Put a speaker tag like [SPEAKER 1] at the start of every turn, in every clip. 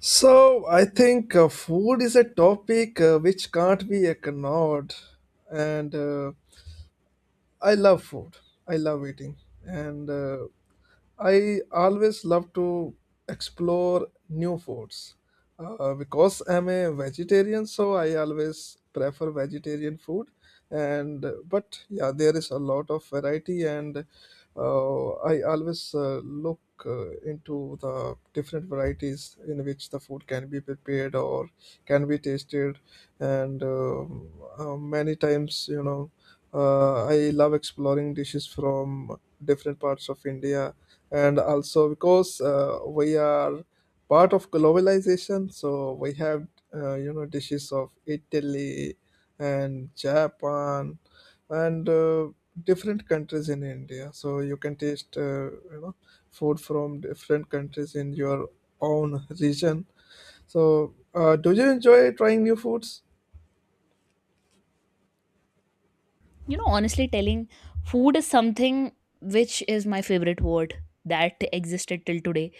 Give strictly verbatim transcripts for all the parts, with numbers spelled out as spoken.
[SPEAKER 1] So I think uh, food is a topic uh, which can't be ignored, and uh, I love food. I love eating, and uh, I always love to explore new foods. Uh, because I'm a vegetarian, so I always prefer vegetarian food. And uh, but yeah, there is a lot of variety, and uh, I always uh, look uh, into the different varieties in which the food can be prepared or can be tasted. And um, uh, Many times, you know. Uh, I love exploring dishes from different parts of India, and also because uh, we are part of globalization, so we have uh, you know dishes of Italy and Japan and uh, different countries in India. So you can taste uh, you know food from different countries in your own region. So, uh, do you enjoy trying new foods?
[SPEAKER 2] You know, honestly telling, food is something which is my favorite word that existed till today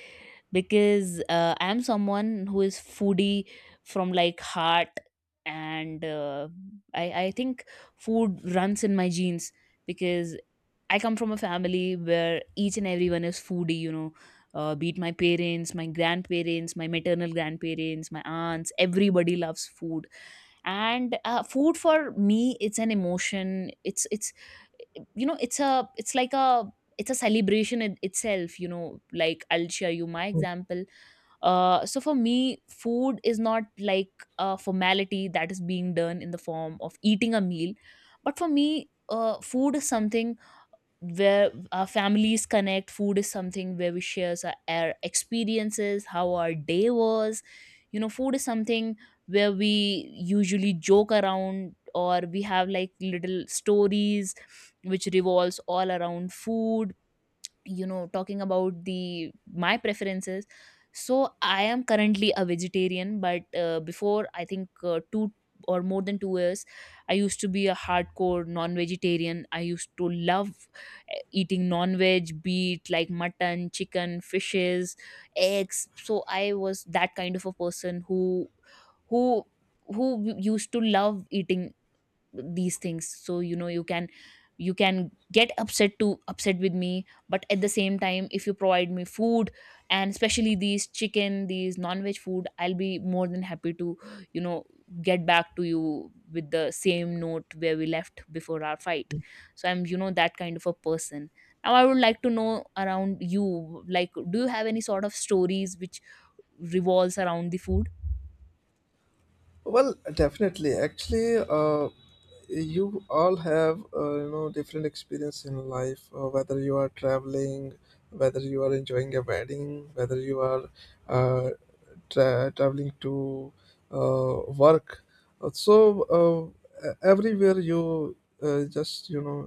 [SPEAKER 2] because uh, I am someone who is foodie from like heart, and uh, I, I think food runs in my genes because I come from a family where each and everyone is foodie, you know, uh, be it my parents, my grandparents, my maternal grandparents, my aunts, everybody loves food. And uh, food for me, it's an emotion. it's it's you know it's a it's like a It's a celebration in itself. You know like, I'll share you my example. Uh, so for me food is not like a formality that is being done in the form of eating a meal, but for me uh, food is something where our families connect. Food is something where we share our, our experiences, how our day was. You know food is something where we usually joke around, or we have like little stories which revolves all around food. You know talking about the my preferences, so I am currently a vegetarian, but uh, before I think uh, two or more than two years I used to be a hardcore non vegetarian. I used to love uh, eating non veg, be it like mutton, chicken, fishes, eggs. So I was that kind of a person who who who used to love eating these things. So, you know you can you can get upset to upset with me, but at the same time, if you provide me food, and especially these chicken, these non-veg food, I'll be more than happy to you know get back to you with the same note where we left before our fight. So I'm, you know that kind of a person. Now I would like to know around you, like, do you have any sort of stories which revolves around the food?
[SPEAKER 1] Well, definitely. Actually, uh, you all have uh, you know different experience in life uh, whether you are traveling, whether you are enjoying a wedding, whether you are uh, tra- traveling to uh, work. Uh, so uh, e- Everywhere you uh, just you know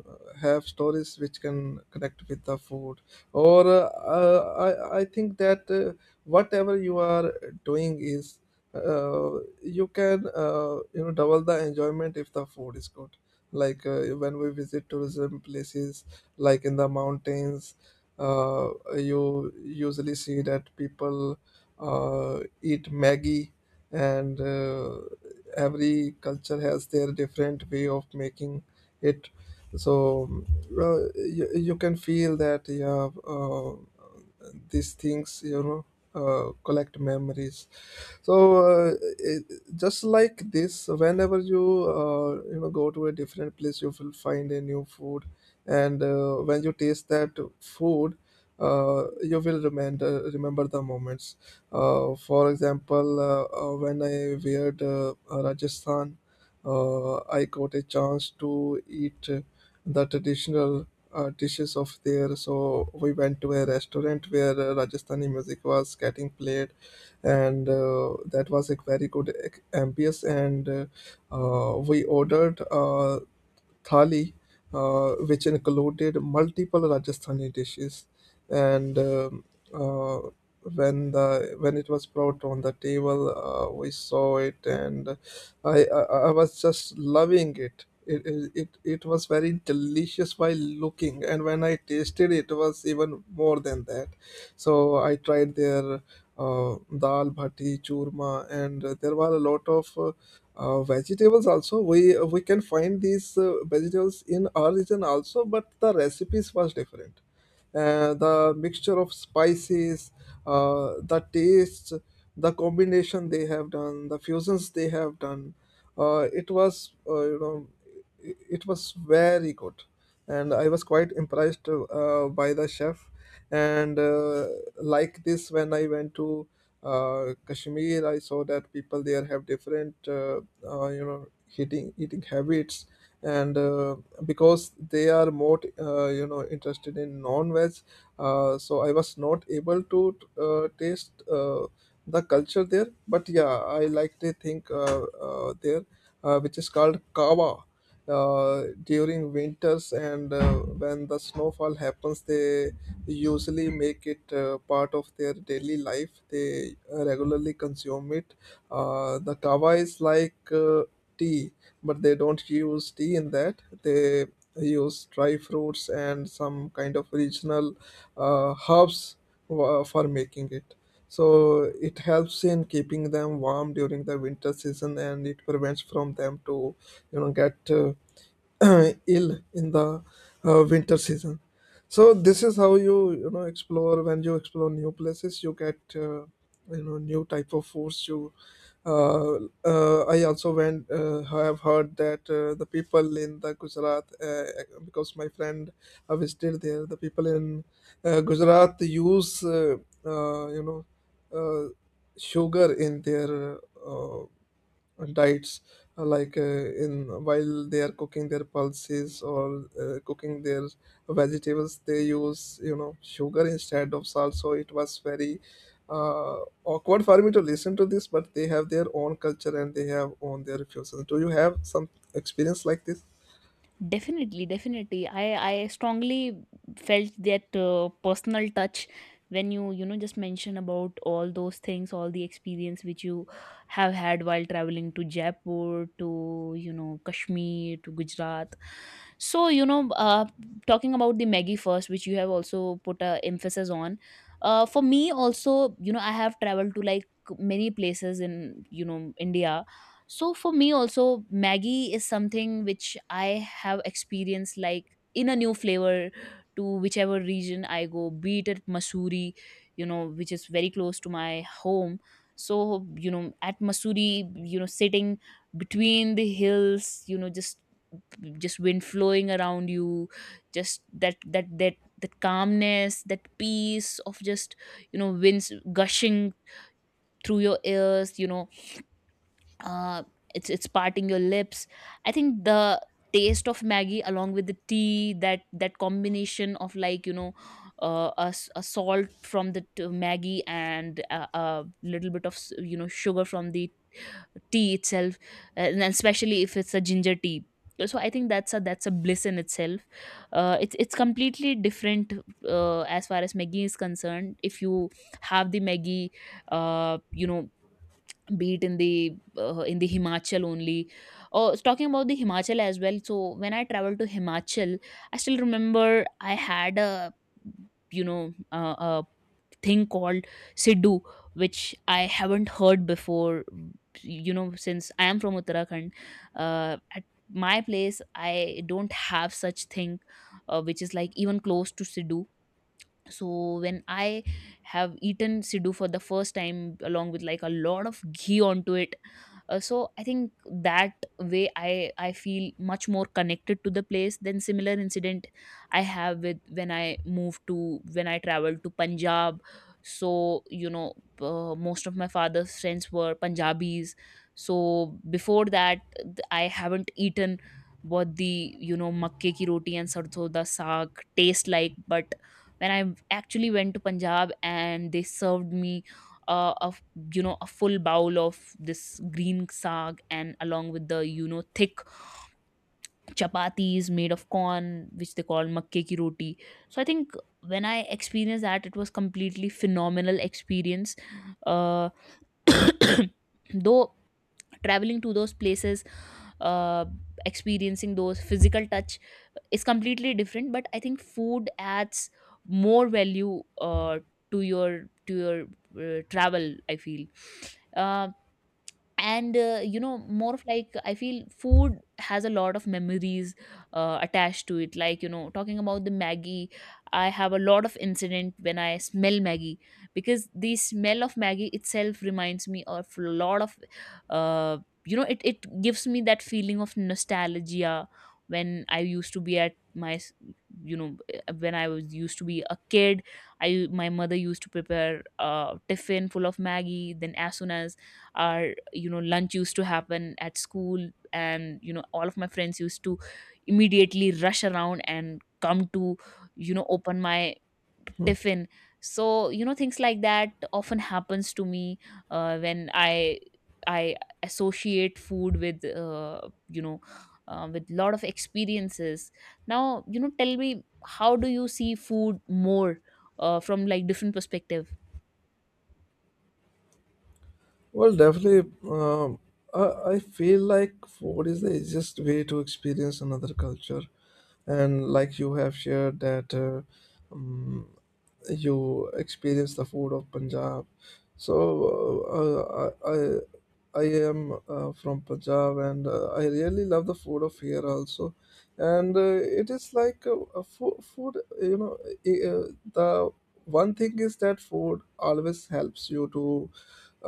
[SPEAKER 1] have stories which can connect with the food. Or uh, uh, I, I think that uh, whatever you are doing is uh, you can uh, you know double the enjoyment if the food is good. Like uh, when we visit tourism places like in the mountains, uh, you usually see that people uh, eat maggi, and uh, every culture has their different way of making it. So uh, you, you can feel that yeah, uh, these things you know uh, collect memories. So uh, it- just like this, whenever you uh, you know go to a different place, you will find a new food, and uh, when you taste that food, uh, you will remember remember the moments. Uh, for example uh, uh, when I weared uh, Rajasthan, uh, I got a chance to eat uh, the traditional uh, dishes of there. So we went to a restaurant where uh, Rajasthani music was getting played, and uh, that was a very good ec- ambience, and uh, uh, we ordered uh, thali uh, which included multiple Rajasthani dishes. And um, uh, when the when it was brought on the table, uh, we saw it and I, I i was just loving it it, it it it was very delicious by looking, and when I tasted it, it was even more than that. So I tried their uh, dal bhati, churma, and there were a lot of uh, uh, vegetables also. We we can find these uh, vegetables in our region also, but the recipes was different. Uh, the mixture of spices, uh, the taste, the combination they have done, the fusions they have done. Uh, it was uh, you know it it was very good, and I was quite impressed uh, by the chef. And uh, Like this, when I went to uh, Kashmir, I saw that people there have different uh, uh, you know eating eating habits, and uh, because they are more uh, you know interested in non-veg. Uh, so I was not able to uh, taste uh, the culture there. But yeah, I like to think uh, uh, there uh, which is called kava uh, during winters, and uh, when the snowfall happens they usually make it uh, part of their daily life. They regularly consume it. Uh, the kava is like uh, tea, but they don't use tea in that. They use dry fruits and some kind of regional uh, herbs wa- for making it. So it helps in keeping them warm during the winter season, and it prevents from them to you know get uh, ill in the uh, winter season. So this is how you you know explore. When you explore new places, you get uh, you know new type of foods. You uh, uh, I also went. Uh, have heard that uh, the people in the Gujarat, uh, because my friend uh, visited there, the people in uh, Gujarat use uh, uh, you know uh, sugar in their uh, uh, diets, uh, like uh, in while they are cooking their pulses or uh, cooking their vegetables, they use you know sugar instead of salt. So it was very uh, awkward for me to listen to this, but they have their own culture and they have own their refuses. Do you have some experience like this?
[SPEAKER 2] Definitely, definitely. I I strongly felt that uh, personal touch when you you know just mention about all those things, all the experience which you have had while traveling to Jaipur, to you know Kashmir, to Gujarat. So, you know, uh, talking about the Maggie first, which you have also put a emphasis on. Uh, for me also, you know, I have traveled to like many places in you know India. So for me also Maggie is something which I have experienced like in a new flavor, to whichever region I go, be it at Masuri, you know, which is very close to my home. So, you know, at Masuri, you know, sitting between the hills, you know, just just wind flowing around you, just that that that that calmness, that peace of just, you know, winds gushing through your ears, you know, uh, it's it's parting your lips. I think the taste of Maggie along with the tea, that that combination of, like, you know, uh, a, s- a salt from the t- Maggie, and a, a little bit of s-, you know sugar from the tea itself, uh, and then especially if it's a ginger tea. So I think that's a that's a bliss in itself. Uh, it's it's completely different uh, as far as Maggie is concerned. If you have the Maggie, uh, you know be it in the uh, in the Himachal only. Or talking about the Himachal as well. So when I traveled to Himachal, I still remember I had a you know uh, a thing called Sidhu, which I haven't heard before. You know, since I am from Uttarakhand, uh, at my place I don't have such thing, uh, which is like even close to Sidhu. So when I have eaten siddu for the first time, along with like a lot of ghee onto it, uh, so I think that way i i feel much more connected to the place. Than similar incident I have with when I moved to when I traveled to Punjab. So, you know uh, most of my father's friends were Punjabis. So before that, th- I haven't eaten what the you know makke ki roti and sarson da saag taste like. But when I actually went to Punjab and they served me uh, a f- you know a full bowl of this green saag, and along with the you know thick chapatis made of corn, which they call makke ki roti. So I think when I experienced that, it was completely phenomenal experience. uh, though traveling to those places, uh, experiencing those physical touch is completely different, but I think food adds more value uh, to your to your uh, travel, I feel. Um and uh, you know more of, like, I feel food has a lot of memories uh, attached to it. Like, you know talking about the Maggie, I have a lot of incident when I smell Maggie, because the smell of Maggie itself reminds me of a lot of uh, you know it, it gives me that feeling of nostalgia, when I used to be at my s- you know eh, when I was used to be a kid. I My mother used to prepare a tiffin full of Maggie. Then as soon as our you know lunch used to happen at school, and you know all of my friends used to immediately rush around and come to you know open my tiffin. So, you know things like that often happens to me uh, when i i associate food with uh, you know uh, with lot of experiences. Now, you know tell me, how do you see food more uh, from, like, different perspective?
[SPEAKER 1] Well, definitely. Um, I, I feel like food is the easiest way to experience another culture. And like you have shared that uh, um, you experience the food of Punjab. So uh, I, I, I am uh, from Punjab, and uh, I really love the food of here also. And uh, It is like uh, a food, food, you know, uh, the one thing is that food always helps you to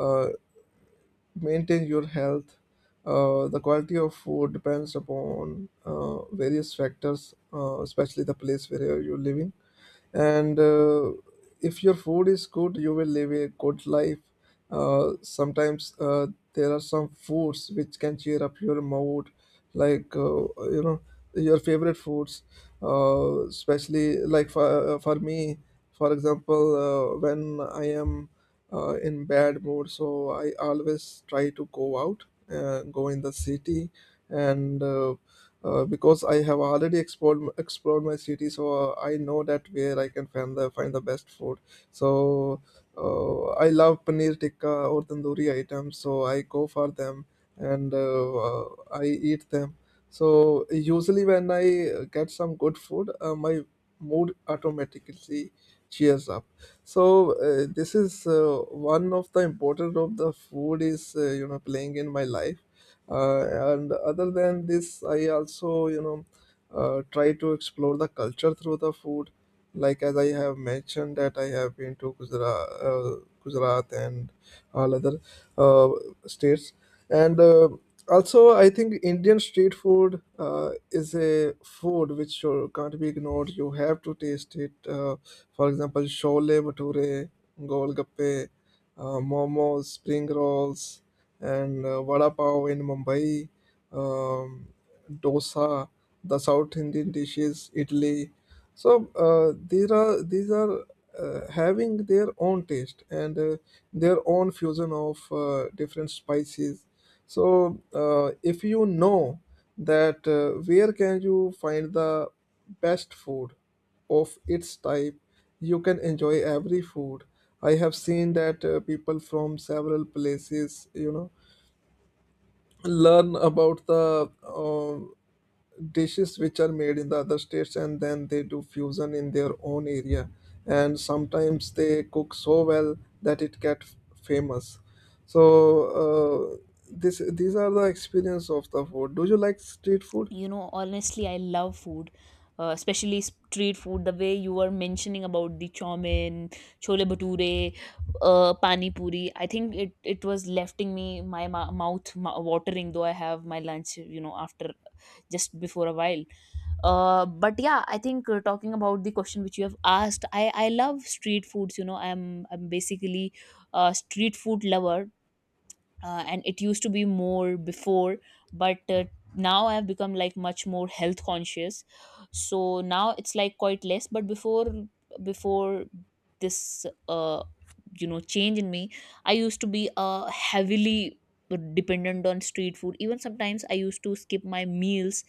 [SPEAKER 1] uh, maintain your health. Uh, the quality of food depends upon uh, various factors, uh, especially the place where you're living, and uh, if your food is good, you will live a good life. Uh, sometimes uh, there are some foods which can cheer up your mood, like uh, you know your favorite foods, uh, especially like for, uh, for me. For example, uh, when I am uh, in bad mood, so I always try to go out, uh, go in the city, and uh, uh, because I have already explored explored my city, so uh, I know that where I can find the find the best food. So uh, I love paneer tikka or tandoori items, so I go for them and uh, uh, I eat them. So usually when I uh, get some good food, uh, my mood automatically cheers up. So uh, this is uh, one of the important of the food is uh, you know playing in my life. Uh, and other than this, I also you know uh, try to explore the culture through the food, like as I have mentioned that I have been to Gujarat, uh, gujarat and all other uh, states. And uh, Also, I think Indian street food uh, is a food which should, can't be ignored. You have to taste it. Uh, for example, shole bhature, golgappe, uh, momos, spring rolls, and uh, vada pav in Mumbai, um, dosa, the South Indian dishes, Italy. So uh, these are these are uh, having their own taste, and uh, their own fusion of uh, different spices. So uh, if you know that uh, where can you find the best food of its type, you can enjoy every food. I have seen that uh, people from several places, you know, learn about the uh, dishes which are made in the other states, and then they do fusion in their own area, and sometimes they cook so well that it gets famous. So uh, this these are the experience of the food. Do you like street food?
[SPEAKER 2] you know Honestly, I love food, uh, especially street food. The way you were mentioning about the chow mein, chole bhature, uh, pani puri, I think it it was lefting me my mou- mouth mou- watering, though I have my lunch, you know after, just before a while. Uh, but yeah, I think, uh, talking about the question which you have asked, i i love street foods. you know i'm i'm basically a street food lover. Uh, and it used to be more before, but uh, now I have become, like, much more health conscious. So now it's like quite less. But before, before this uh, you know change in me, I used to be uh, heavily dependent on street food. Even sometimes I used to skip my meals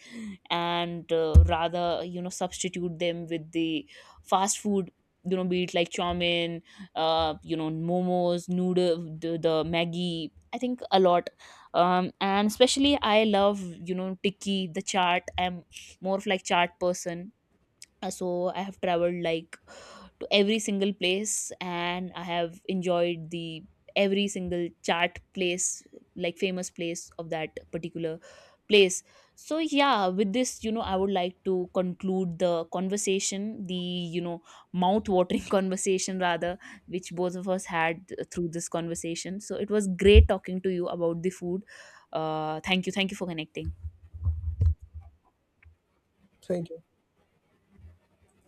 [SPEAKER 2] and uh, rather, you know substitute them with the fast food, you know be it like chow mein, uh, you know momos, noodle, the, the maggi, I think a lot. Um, and especially, I love you know Tiki the chart. I'm more of, like, chart person, uh, so I have traveled like to every single place, and I have enjoyed the every single chart place, like famous place of that particular place. So yeah, with this, you know I would like to conclude the conversation, the you know mouth watering conversation rather, which both of us had through this conversation. So it was great talking to you about the food. Uh thank you. Thank you for connecting.
[SPEAKER 1] Thank you.